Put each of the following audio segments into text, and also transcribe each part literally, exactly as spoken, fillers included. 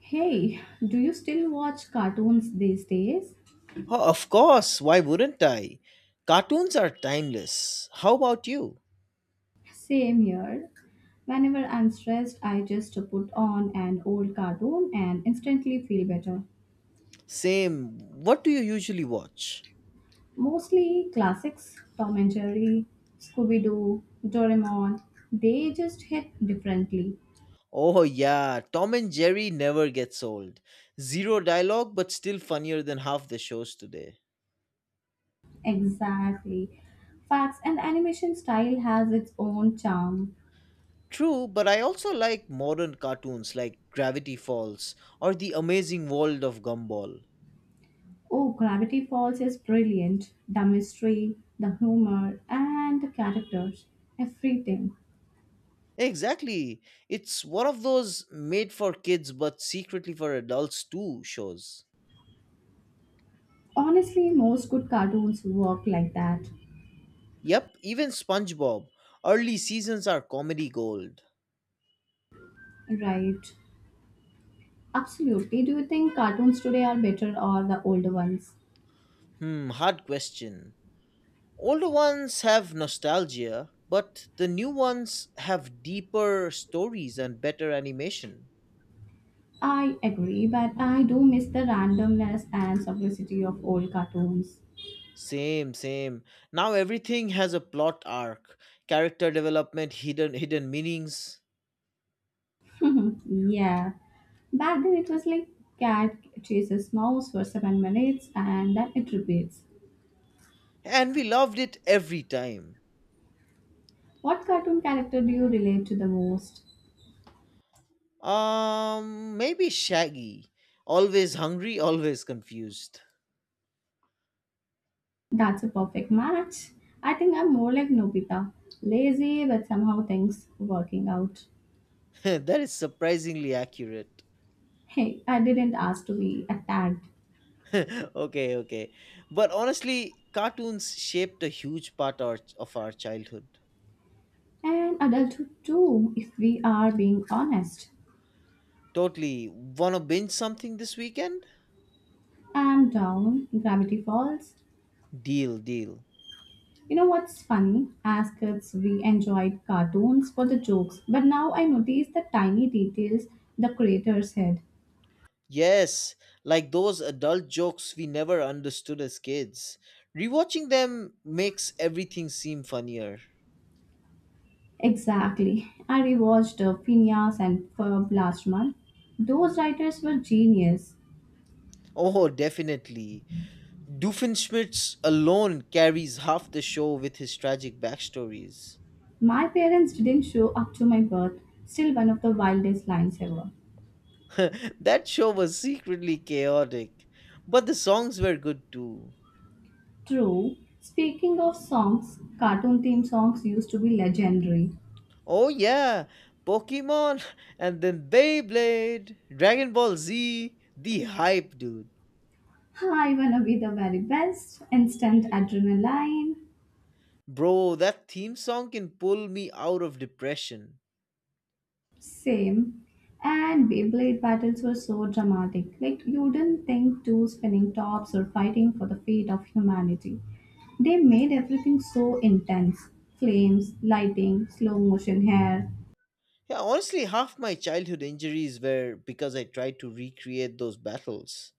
Hey, do you still watch cartoons these days? Oh, of course, why wouldn't I? Cartoons are timeless. How about you? Same here. Whenever I'm stressed, I just put on an old cartoon and instantly feel better. Same. What do you usually watch? Mostly classics Tom and Jerry, Scooby Doo, Doraemon. They just hit differently. Oh, yeah, Tom and Jerry never gets old. Zero dialogue, but still funnier than half the shows today. Exactly. Facts and animation style has its own charm. True, but I also like modern cartoons like Gravity Falls or The Amazing World of Gumball. Oh, Gravity Falls is brilliant. The mystery, the humor, and the characters. Everything. Exactly. It's one of those made for kids but secretly for adults too shows. Honestly, most good cartoons work like that, Yep, even SpongeBob. Early seasons are comedy gold. right? Absolutely. Do you think cartoons today are better or the older ones? Hmm, hard question. Older ones have nostalgia, but the new ones have deeper stories and better animation. I agree, but I do miss the randomness and simplicity of old cartoons. Same, same. Now everything has a plot arc, character development, hidden hidden meanings, yeah. Back then it was like cat chases mouse for seven minutes and then it repeats. and we loved it every time. What cartoon character do you relate to the most? Um, maybe Shaggy. Always hungry, always confused. That's a perfect match. I think I'm more like Nobita. Lazy, but somehow things working out. That is surprisingly accurate. Hey, I didn't ask to be attacked. Okay, okay. But honestly, cartoons shaped a huge part our, of our childhood. And adulthood too, if we are being honest. Totally. Wanna binge something this weekend? I'm down, Gravity Falls. Deal, deal. You know what's funny? As kids, we enjoyed cartoons for the jokes, but now I notice the tiny details the creators had. Yes, like those adult jokes we never understood as kids. Rewatching them makes everything seem funnier. Exactly. I rewatched uh, Phineas and Ferb last month. Those writers were genius. Oh, definitely. Doofenshmirtz alone carries half the show with his tragic backstories. My parents didn't show up to my birth. Still one of the wildest lines ever. That show was secretly chaotic, but the songs were good too. True. Speaking of songs, cartoon theme songs used to be legendary. Oh yeah, Pokemon and then Beyblade, Dragon Ball Z, the hype, dude. I wanna be the very best, instant adrenaline, Bro, that theme song can pull me out of depression. same. And Beyblade battles were so dramatic. Like you didn't think two spinning tops or fighting for the fate of humanity. They made everything so intense. Flames, lighting, slow motion hair. Yeah, honestly, half my childhood injuries were because I tried to recreate those battles.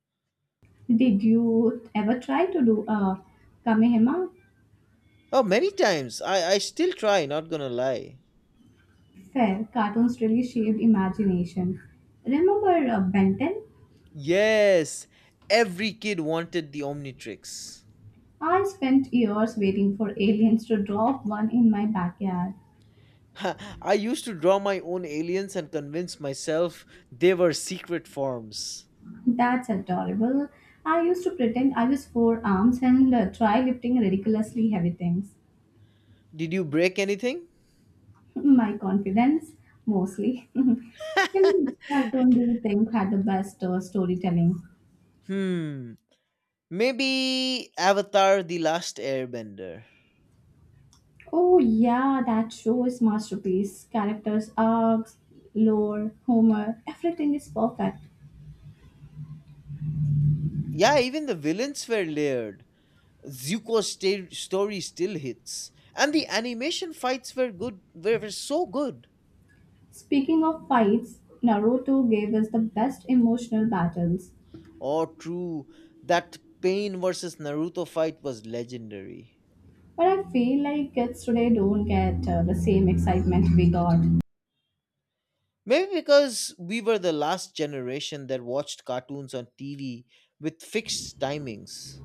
Did you ever try to do a Kamehama? Oh, many times. I, I still try, not gonna lie. Fair, cartoons really shaped imagination. Remember uh, Ben ten? Yes, every kid wanted the Omnitrix. I spent years waiting for aliens to drop one in my backyard. I used to draw my own aliens and convince myself they were secret forms. That's adorable. I used to pretend I was four arms and uh, try lifting ridiculously heavy things. Did you break anything? My confidence, mostly. which cartoon do you think had the best uh, storytelling? Hmm. Maybe Avatar The Last Airbender. Oh yeah, that show is masterpiece. Characters, arcs, lore, Homer, everything is perfect. Yeah, even the villains were layered. Zuko's sta- story still hits. And the animation fights were good, were, were so good. Speaking of fights, Naruto gave us the best emotional battles, Oh, true. That Pain versus Naruto fight was legendary. but I feel like kids today don't get uh, the same excitement we got. Maybe because we were the last generation that watched cartoons on T V with fixed timings.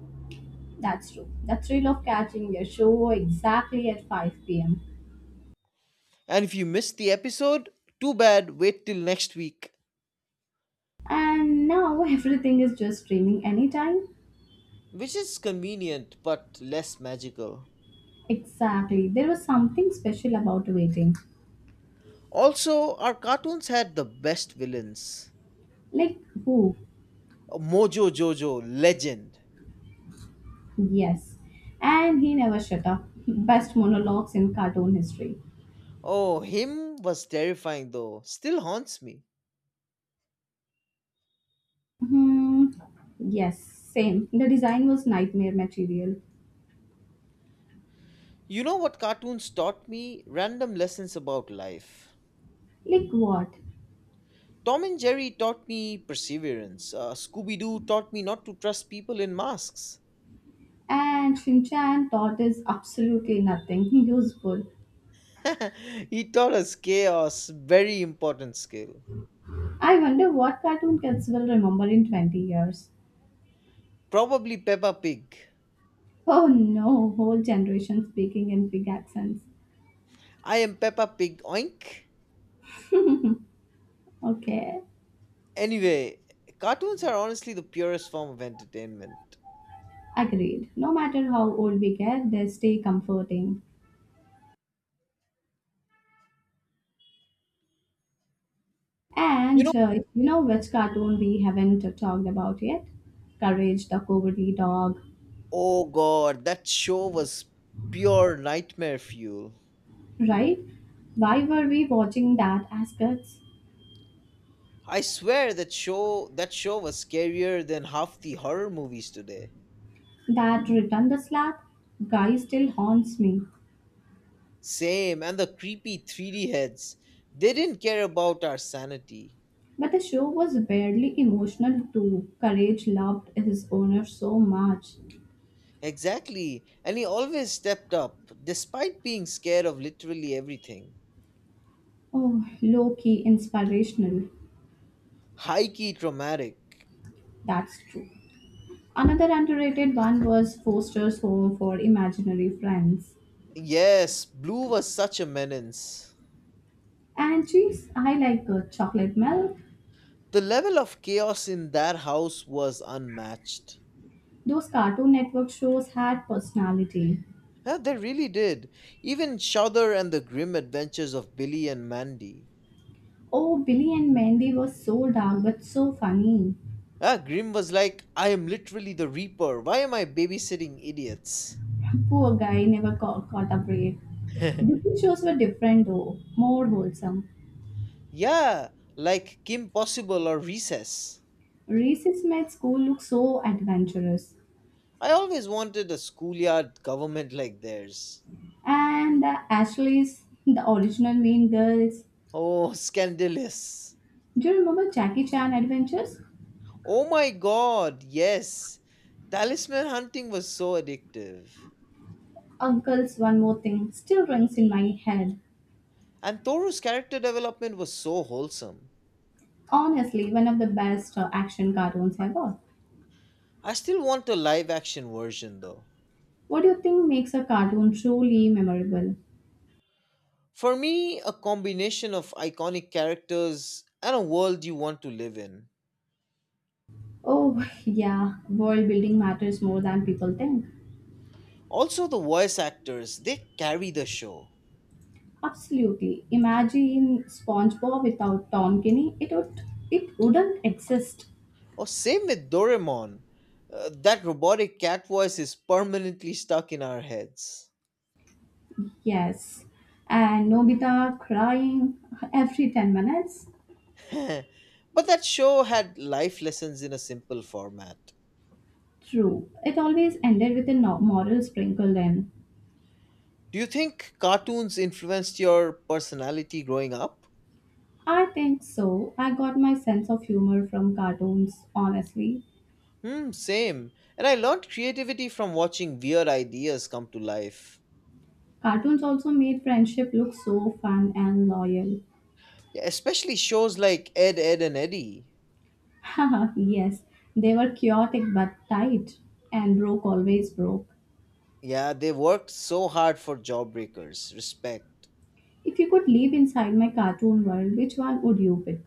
That's true. The thrill of catching a show exactly at five p m. And if you missed the episode, too bad, wait till next week. And now everything is just streaming anytime. Which is convenient but less magical. Exactly. There was something special about waiting. Also, our cartoons had the best villains. Like who? Mojo Jojo, legend. Yes. And he never shut up. Best monologues in cartoon history. Oh, him was terrifying though. Still haunts me. Hmm. Yes, same. The design was nightmare material. You know what cartoons taught me? Random lessons about life. Like what? Tom and Jerry taught me perseverance. Uh, Scooby Doo taught me not to trust people in masks. And Shinchan taught us absolutely nothing useful. He taught us chaos, very important skill. I wonder what cartoon kids will remember in twenty years. Probably Peppa Pig. Oh no, whole generation speaking in big accents. I am Peppa Pig, oink. Okay, Anyway, cartoons are honestly the purest form of entertainment. agreed. No matter how old we get, they stay comforting. You know, And uh, you know which cartoon we haven't uh, talked about yet? Courage the Cowardly Dog. oh god, that show was pure nightmare fuel. Right? Why were we watching that as kids? I swear that show that show was scarier than half the horror movies today. That return the slap guy still haunts me. Same, and the creepy three D heads. They didn't care about our sanity. But the show was barely emotional too. Courage loved his owner so much. Exactly, and he always stepped up, despite being scared of literally everything. Oh, low key inspirational. High key traumatic. That's true. Another underrated one was Foster's Home for Imaginary Friends. Yes, Blue was such a menace. And geez, I like uh, chocolate milk. The level of chaos in that house was unmatched. Those Cartoon Network shows had personality. Yeah, they really did. Even Shudder and the grim adventures of Billy and Mandy. Oh, Billy and Mandy was so dark but so funny. Ah, Grimm was like, I am literally the Reaper. Why am I babysitting idiots? Poor guy never caught got a break. Disney shows were different though, more wholesome. Yeah, like Kim Possible or Recess. Reese's made school look so adventurous. I always wanted a schoolyard government like theirs. And the Ashley's, the original Mean Girls. Oh, scandalous. Do you remember Jackie Chan Adventures? Oh my god, yes. Talisman hunting was so addictive. Uncle's One More Thing still rings in my head. And Toru's character development was so wholesome. Honestly, one of the best uh, action cartoons ever. I still want a live action version though. What do you think makes a cartoon truly memorable? For me, a combination of iconic characters and a world you want to live in. Oh, yeah, world building matters more than people think. Also, the voice actors, they carry the show. Absolutely. Imagine SpongeBob without Tom Kenny. It would it wouldn't exist. Or, same with Doraemon. Uh, that robotic cat voice is permanently stuck in our heads. Yes. And Nobita crying every ten minutes. But that show had life lessons in a simple format. True. It always ended with a no- moral sprinkled in. Do you think cartoons influenced your personality growing up? I think so. I got my sense of humor from cartoons, honestly. Hmm, same. And I learned creativity from watching weird ideas come to life. Cartoons also made friendship look so fun and loyal. Yeah, especially shows like Ed, Ed, and Eddie. Haha, yes. They were chaotic but tight. And broke always broke. Yeah, they worked so hard for jawbreakers. Respect. If you could live inside my cartoon world, which one would you pick?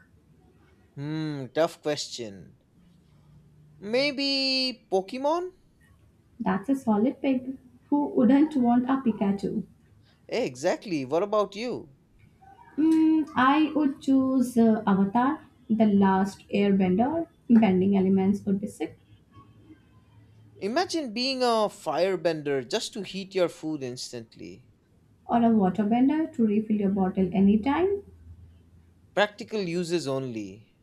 Hmm, tough question. Maybe Pokemon? That's a solid pick. Who wouldn't want a Pikachu? Eh, exactly. What about you? Mm, I would choose uh, Avatar, the last airbender. Bending elements would be sick. Imagine being a firebender just to heat your food instantly. Or a waterbender to refill your bottle anytime. Practical uses only.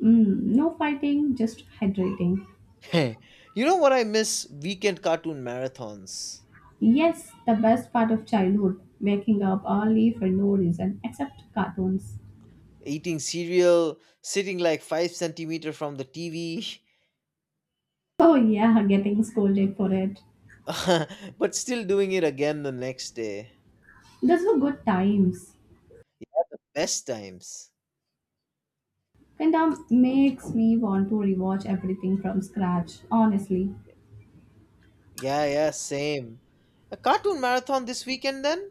Mm, no fighting, just hydrating. You know what I miss? Weekend cartoon marathons. Yes, the best part of childhood. Waking up early for no reason except cartoons. Eating cereal, sitting like five centimeter from the T V, Oh, yeah, getting scolded for it. but still doing it again the next day. Those were good times. Best times. Penta makes me want to rewatch everything from scratch, honestly. Yeah, yeah, same. A cartoon marathon this weekend then?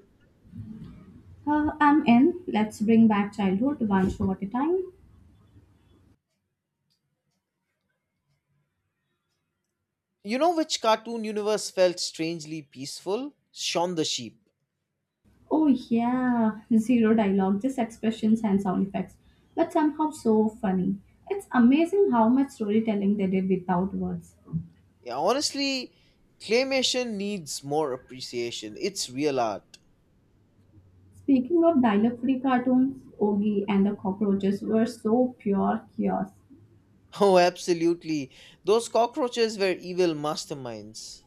Uh, I'm in. Let's bring back childhood one show at a time. You know which cartoon universe felt strangely peaceful? Shaun the Sheep. Oh, yeah. Zero dialogue, just expressions and sound effects. But somehow so funny. It's amazing how much storytelling they did without words. Yeah, honestly, claymation needs more appreciation. It's real art. Speaking of dialogue free cartoons, Ogie and the cockroaches were so pure chaos. Oh, absolutely. Those cockroaches were evil masterminds.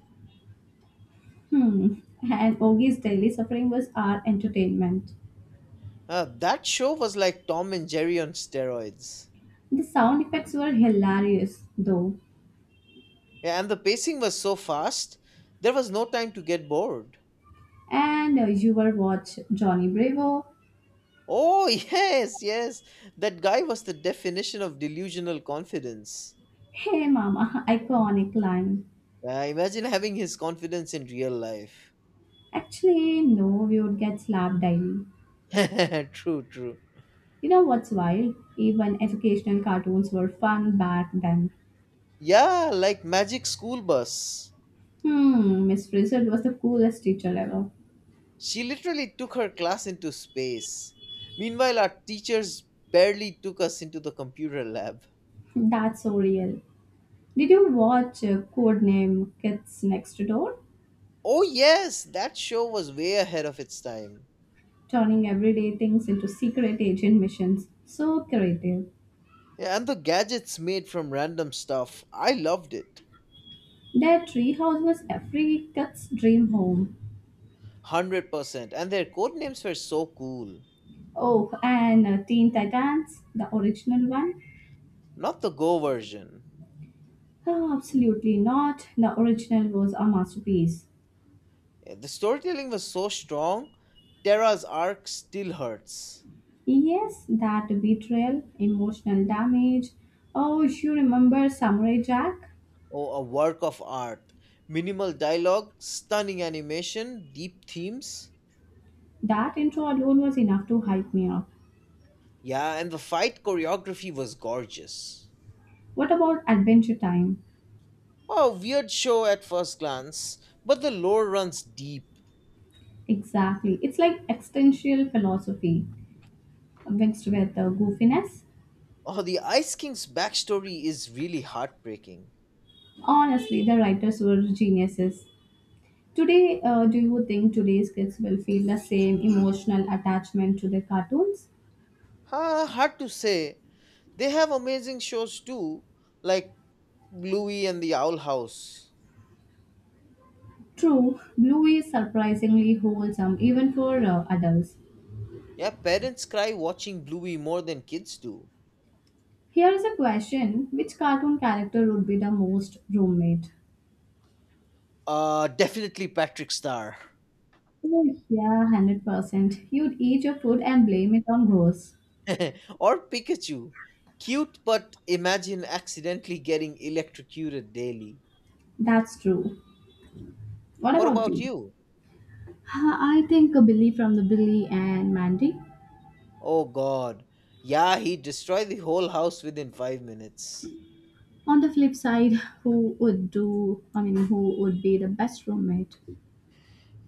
Hmm. And Ogie's daily suffering was our entertainment. Ah, that show was like Tom and Jerry on steroids. The sound effects were hilarious, though. Yeah, and the pacing was so fast, there was no time to get bored. And uh, you were watch Johnny Bravo. Oh, yes, yes. That guy was the definition of delusional confidence. Hey mama, iconic line. Uh, imagine having his confidence in real life. Actually, no, we would get slapped daily. True, true. You know what's wild? Even educational cartoons were fun back then. Yeah, like Magic School Bus. Hmm, Miss Frizzle was the coolest teacher ever. She literally took her class into space. Meanwhile, our teachers barely took us into the computer lab. That's so real. Did you watch uh, Codename Kids Next Door? Oh, yes, that show was way ahead of its time. Turning everyday things into secret agent missions. So creative. Yeah, and the gadgets made from random stuff. I loved it. Their treehouse was every kid's dream home. one hundred percent. And their code names were so cool. Oh, and uh, Teen Titans, the original one? Not the Go version. Oh, absolutely not. The original was a masterpiece. Yeah, the storytelling was so strong. Terra's arc still hurts. Yes, that betrayal, emotional damage. Oh, you remember Samurai Jack? Oh, a work of art. Minimal dialogue, stunning animation, deep themes. That intro alone was enough to hype me up. Yeah, and the fight choreography was gorgeous. What about Adventure Time? Oh, weird show at first glance, but the lore runs deep. Exactly. It's like existential philosophy mixed with the goofiness. Oh, the Ice King's backstory is really heartbreaking. Honestly, the writers were geniuses. Today, uh, do you think today's kids will feel the same emotional attachment to their cartoons? Ha, hard to say. They have amazing shows too, like Bluey and the Owl House. True, Bluey is surprisingly wholesome even for uh, adults. Yeah, parents cry watching Bluey more than kids do. Here is a question. Which cartoon character would be the most roommate? Uh, definitely Patrick Star. Oh, yeah, one hundred percent. You'd eat your food and blame it on ghosts. Or Pikachu. Cute, but imagine accidentally getting electrocuted daily. That's true. What What about about you? you? Uh, I think a Billy from the Billy and Mandy. Oh god. Yeah, he destroyed the whole house within five minutes. On the flip side, who would do, I mean, who would be the best roommate?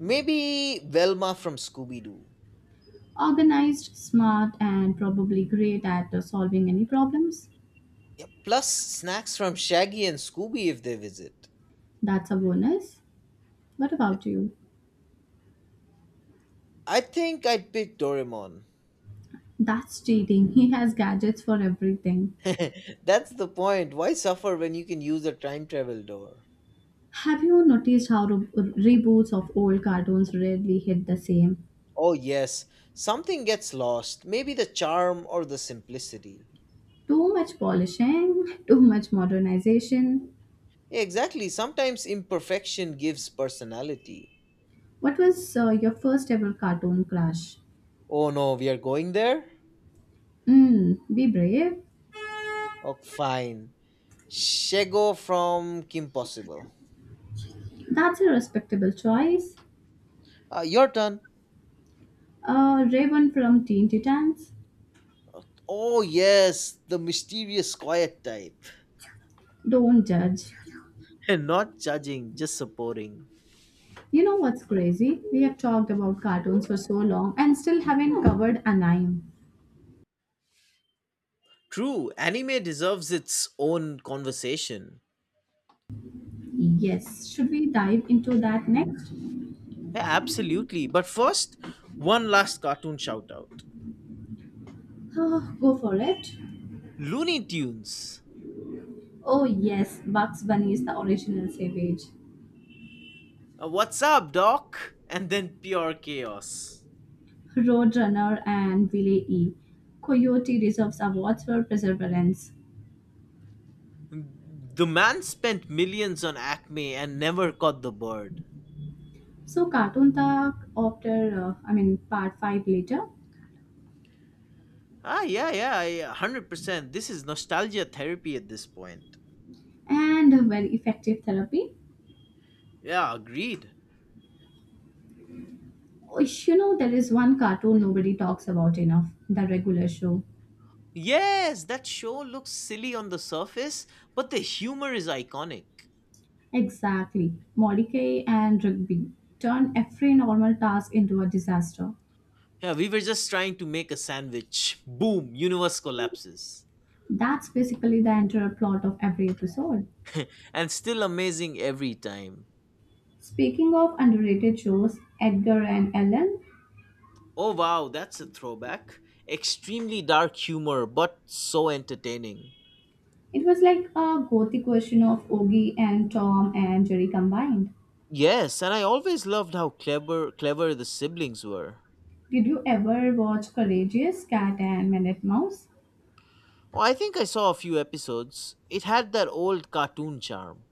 Maybe Velma from Scooby Doo. Organized, smart, and probably great at uh, solving any problems. Yeah, plus snacks from Shaggy and Scooby if they visit. That's a bonus. What about you? I think I'd pick Doraemon. That's cheating. He has gadgets for everything. That's the point. Why suffer when you can use a time travel door? Have you noticed how re- reboots of old cartoons rarely hit the same? Oh, yes. Something gets lost. Maybe the charm or the simplicity. Too much polishing, too much modernization. Yeah, exactly. Sometimes imperfection gives personality. What was uh, your first ever cartoon crush? Oh no, we are going there? Mm, be brave. Oh, fine. Shego from Kim Possible. That's a respectable choice. Uh, your turn. Uh, Raven from Teen Titans. Oh, yes, the mysterious quiet type. Don't judge. Not judging, just supporting. You know what's crazy? We have talked about cartoons for so long and still haven't covered anime. True, anime deserves its own conversation. Yes, should we dive into that next? Yeah, absolutely. But first, one last cartoon shout out. Oh, go for it. Looney Tunes. Oh yes, Bugs Bunny is the original savage. Uh, What's up, Doc? And then pure chaos. Roadrunner and Willie E. Coyote deserves awards for perseverance. The man spent millions on Acme and never caught the bird. So cartoon talk after, uh, I mean, part five later. Ah, yeah, yeah, yeah, one hundred percent. This is nostalgia therapy at this point. And a very effective therapy. Yeah, agreed. Oh, you know, there is one cartoon nobody talks about enough, The Regular Show. Yes, that show looks silly on the surface, but the humor is iconic. Exactly. Mordecai and Rigby turn every normal task into a disaster. Yeah, we were just trying to make a sandwich. Boom, universe collapses. That's basically the entire plot of every episode. And still amazing every time. Speaking of underrated shows, Edgar and Ellen, Oh wow, that's a throwback. Extremely dark humor, but so entertaining. it was like a gothic version of Ogie and Tom and Jerry combined. Yes, and I always loved how clever clever the siblings were. Did you ever watch Courageous Cat and Minute Mouse? Oh, I think I saw a few episodes. It had that old cartoon charm.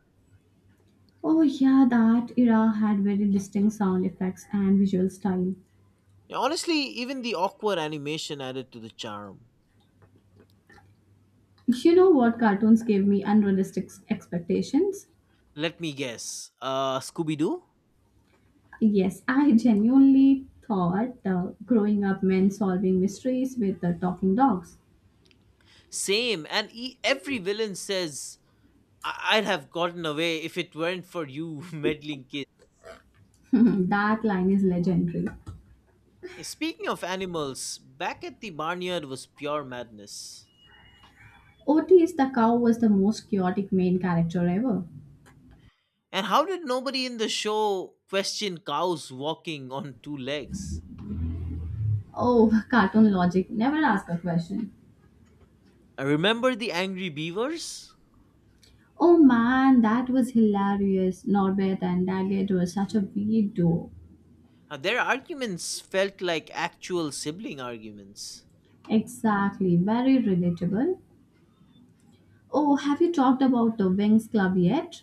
Oh yeah, that era had very distinct sound effects and visual style. Yeah, honestly, even the awkward animation added to the charm. You know what cartoons gave me unrealistic expectations? Let me guess. Uh, Scooby Doo? Yes, I genuinely thought uh, growing up meant solving mysteries with the talking dogs. Same. And e- every villain says, I- I'd have gotten away if it weren't for you meddling kids. that line is legendary. Speaking of animals, back at the barnyard was pure madness. Otis the cow was the most chaotic main character ever. And how did nobody in the show question cows walking on two legs? Oh, cartoon logic, never ask a question. I remember the angry beavers? Oh man, that was hilarious. Norbert and Daggett were such a weird duo. Uh, Their arguments felt like actual sibling arguments. Exactly, very relatable. Oh, have you talked about the Wings Club yet?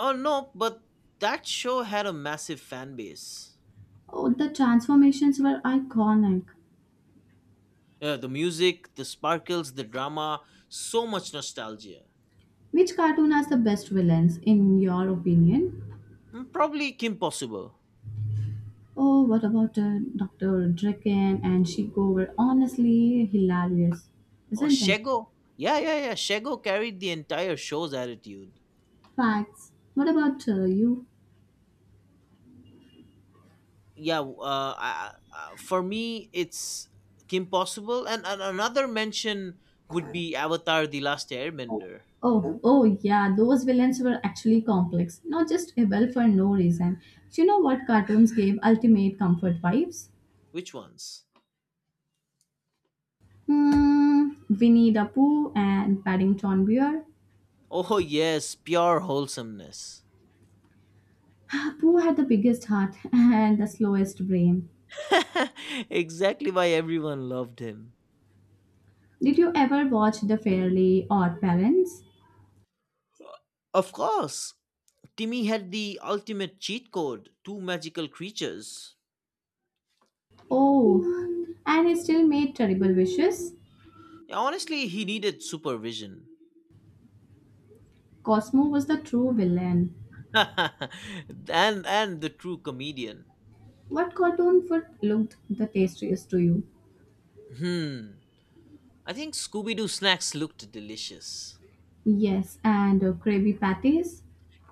Oh no, but that show had a massive fan base. Oh, the transformations were iconic. Uh, the music, the sparkles, the drama, so much nostalgia. Which cartoon has the best villains in your opinion? Mm, Probably Kim Possible Oh, what about uh, doctor Draken and Shiko were honestly hilarious, or isn't it? Shego. Yeah, yeah, yeah. Shego carried the entire show's attitude. Facts. What about uh, you? Yeah, w- uh, I, I- uh, for me, it's Kim Possible, and, and another mention would be Avatar: The Last Airbender. Oh, oh yeah, those villains were actually complex, not just able for no reason. Do you know what cartoons gave ultimate comfort vibes? Which ones? Hmm, Winnie the Pooh and Paddington Bear. Oh yes, pure wholesomeness. Pooh had the biggest heart and the slowest brain. Exactly why everyone loved him. Did you ever watch The Fairly Odd Parents? Of course, Timmy had the ultimate cheat code two magical creatures. Oh, and he still made terrible wishes? Yeah, honestly, he needed supervision. Cosmo was the true villain. and and the true comedian. What cartoon food looked the tastiest to you? Hmm. I think Scooby Doo snacks looked delicious. Yes, and uh, gravy patties?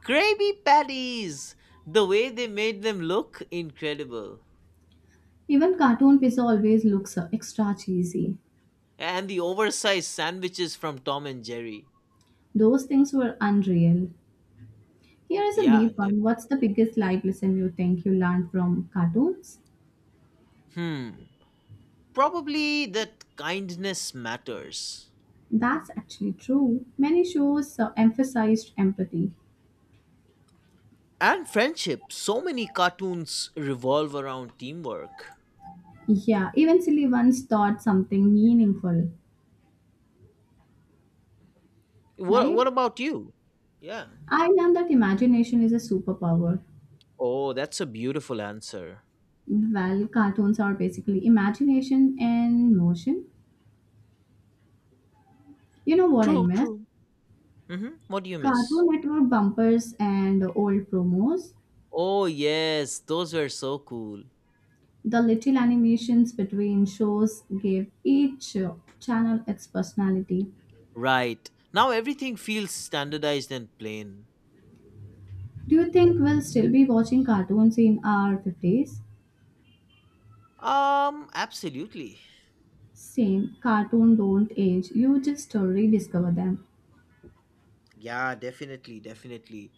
Krabby Patties! The way they made them look, incredible. Even cartoon pizza always looks uh, extra cheesy. And the oversized sandwiches from Tom and Jerry. Those things were unreal. Here is a Yeah, deep def- one. What's the biggest life lesson you think you learned from cartoons? hmm. probably that kindness matters. That's actually true. Many shows uh, emphasized empathy. And friendship. So many cartoons revolve around teamwork. Yeah, eventually one taught something meaningful, What right? What about you? Yeah. I learned that imagination is a superpower. Oh, that's a beautiful answer. Well, cartoons are basically imagination and motion. You know what I True, miss? true. Mm-hmm. What do you miss? Cartoon Network bumpers and old promos. Oh yes, those were so cool. The little animations between shows gave each channel its personality. Right. Now everything feels standardized and plain. Do you think we'll still be watching cartoons in our fifties? Um, absolutely. Same, cartoon don't age, you just rediscover them. Yeah, definitely, definitely.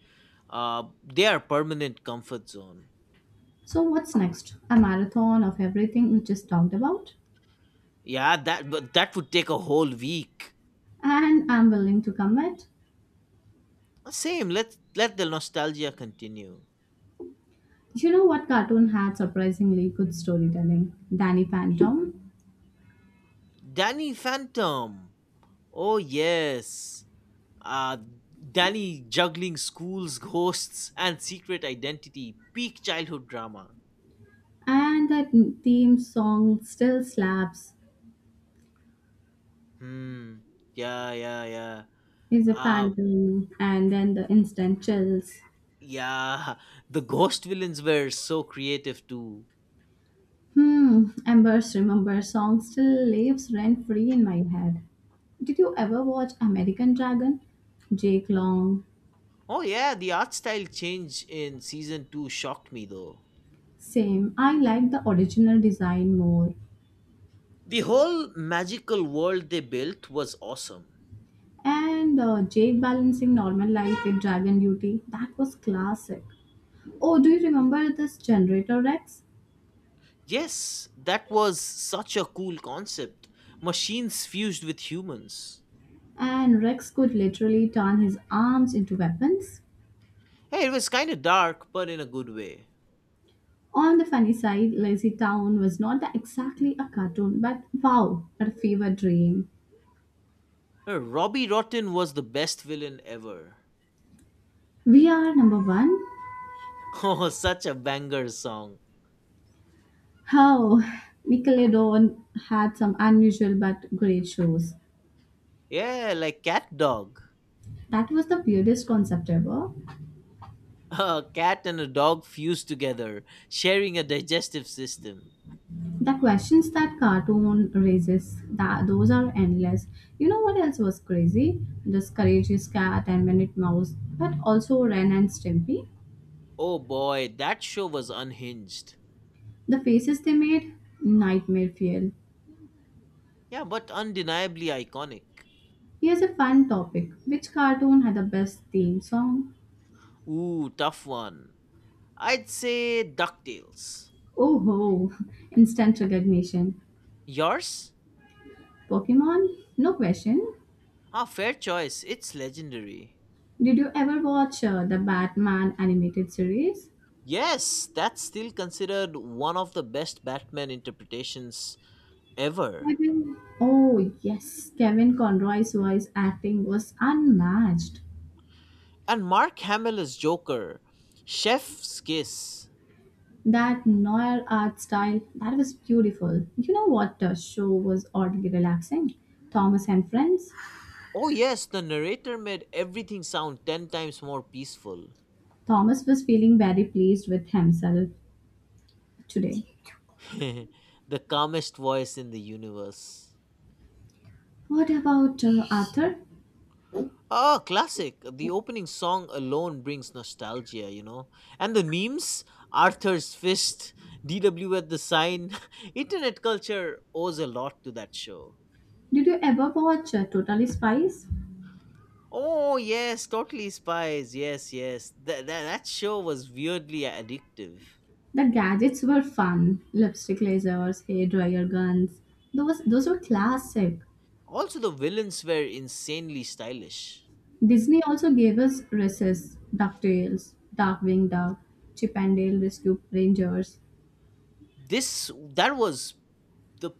Uh, they are permanent comfort zone. So, what's next? A marathon of everything we just talked about? Yeah, that but that would take a whole week. And I'm willing to commit. Same. Let let the nostalgia continue. You know what cartoon had surprisingly good storytelling? Danny Phantom. Danny Phantom. Oh yes. Uh Danny juggling schools, ghosts, and secret identity. Peak childhood drama. And that theme song still slaps. Hmm. Yeah, yeah, yeah. Is a Um, phantom, and then the instant chills. yeah. The ghost villains were so creative too. Hmm, Ember's Remember song still lives rent free in my head. Did you ever watch American Dragon? Jake Long. Oh yeah, the art style change in season two shocked me though. Same. I like the original design more. The whole magical world they built was awesome. And uh, Jake balancing normal life with dragon duty. That was classic. Oh, do you remember this generator Rex? Yes, that was such a cool concept. Machines fused with humans. And Rex could literally turn his arms into weapons. Hey, it was kind of dark, but in a good way. On the funny side, Lazy Town was not the- exactly a cartoon, but wow, a fever dream. Uh, Robbie Rotten was the best villain ever. We are number one. Oh, such a banger song. How Nickelodeon had some unusual but great shows. Yeah, like Cat Dog. That was the weirdest concept ever. A cat and a dog fused together, sharing a digestive system. The questions that cartoon raises that those are endless. You know what else was crazy this courageous cat and minute mouse but also Ren and Stimpy, Oh boy, that show was unhinged. the faces they made, nightmare fuel. Yeah, but undeniably iconic. Here's a fun topic. Which cartoon had the best theme song? Ooh, tough one. I'd say DuckTales. Oh ho, instant recognition. Yours? Pokemon, no question. Ah, fair choice. It's legendary. Did you ever watch uh, the Batman animated series? Yes, that's still considered one of the best Batman interpretations ever. Kevin, oh yes, Kevin Conroy's voice acting was unmatched. And Mark Hamill as Joker, Chef's Kiss. That noir art style, that was beautiful. You know what the show was oddly relaxing? Thomas and Friends. Oh, yes, the narrator made everything sound ten times more peaceful. Thomas was feeling very pleased with himself today. The calmest voice in the universe. What about uh, Arthur? Ah, classic. The opening song alone brings nostalgia, you know. And the memes Arthur's Fist, D W at the Sign. Internet culture owes a lot to that show. Did you ever watch uh, Totally Spies? Oh yes, Totally Spies. Yes, yes. That that, that show was weirdly addictive. The gadgets were fun. Lipstick lasers, hair dryer guns. Those those were classic. Also, the villains were insanely stylish. Disney also gave us Recess, DuckTales, Darkwing Duck, Chip and Dale Rescue Rangers. This that was the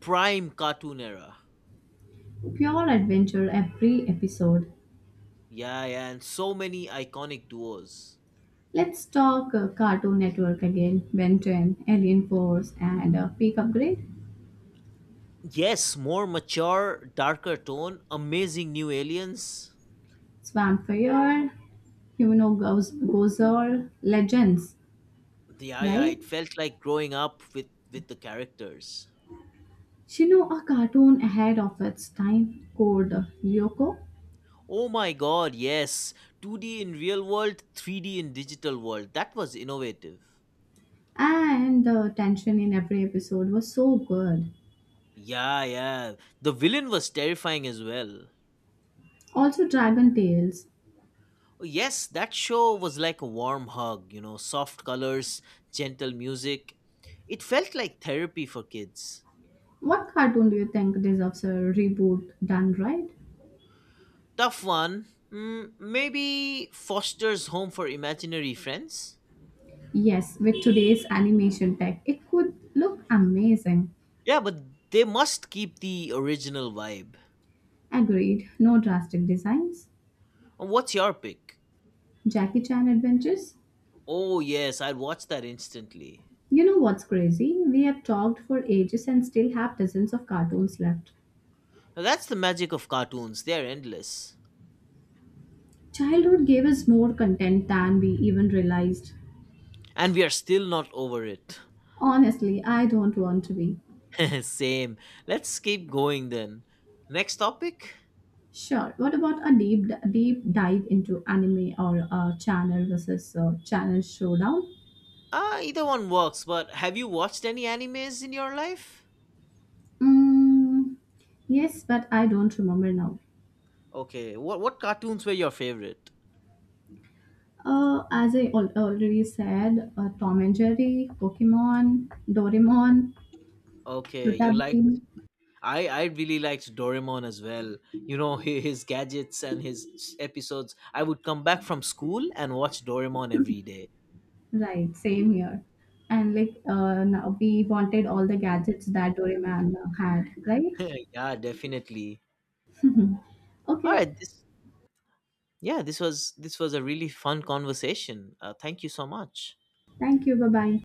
prime cartoon era. Pure adventure every episode. Yeah, yeah, and so many iconic duos. Let's talk uh, Cartoon Network again. Ben ten, Alien Force, and uh, Peak Upgrade, Yes, more mature, darker tone, amazing new aliens. Swampfire, Humano Gozer, Legends, Yeah, yeah, right? it felt like growing up with with the characters. Shino, a cartoon ahead of its time called uh, Lyoko, Oh my god, yes. two D in real world, three D in digital world. That was innovative. and the tension in every episode was so good. Yeah, yeah. The villain was terrifying as well. Also, Dragon Tales, Oh, yes, that show was like a warm hug, you know, soft colors, gentle music. It felt like therapy for kids. what cartoon do you think deserves a reboot done right? Tough one. Mm, maybe Foster's Home for Imaginary Friends? Yes, with today's animation tech, it could look amazing. Yeah, but they must keep the original vibe. Agreed, no drastic designs. Uh, What's your pick? Jackie Chan Adventures? Oh, yes, I'd watch that instantly. You know what's crazy? We have talked for ages and still have dozens of cartoons left. Now, that's the magic of cartoons, they are endless. Childhood gave us more content than we even realized. And we are still not over it. Honestly, I don't want to be. Same. Let's keep going then. Next topic? Sure, what about a deep, deep dive into anime or a channel versus uh channel showdown? Ah, either one works, but have you watched any animes in your life? Mm, yes, but I don't remember now. Okay, what what cartoons were your favorite? Uh, as I al- already said, uh, Tom and Jerry, Pokemon, Doraemon, Okay. Chota you liked Bheem. I I really liked Doraemon as well. You know hi- his gadgets and his episodes. I would come back from school and watch Doraemon every day. Right, same here. And like uh, now we wanted all the gadgets that Doraemon had, right? Yeah, definitely. All okay, right, this Yeah, this was this was a really fun conversation. Uh, thank you so much. thank you. Bye bye.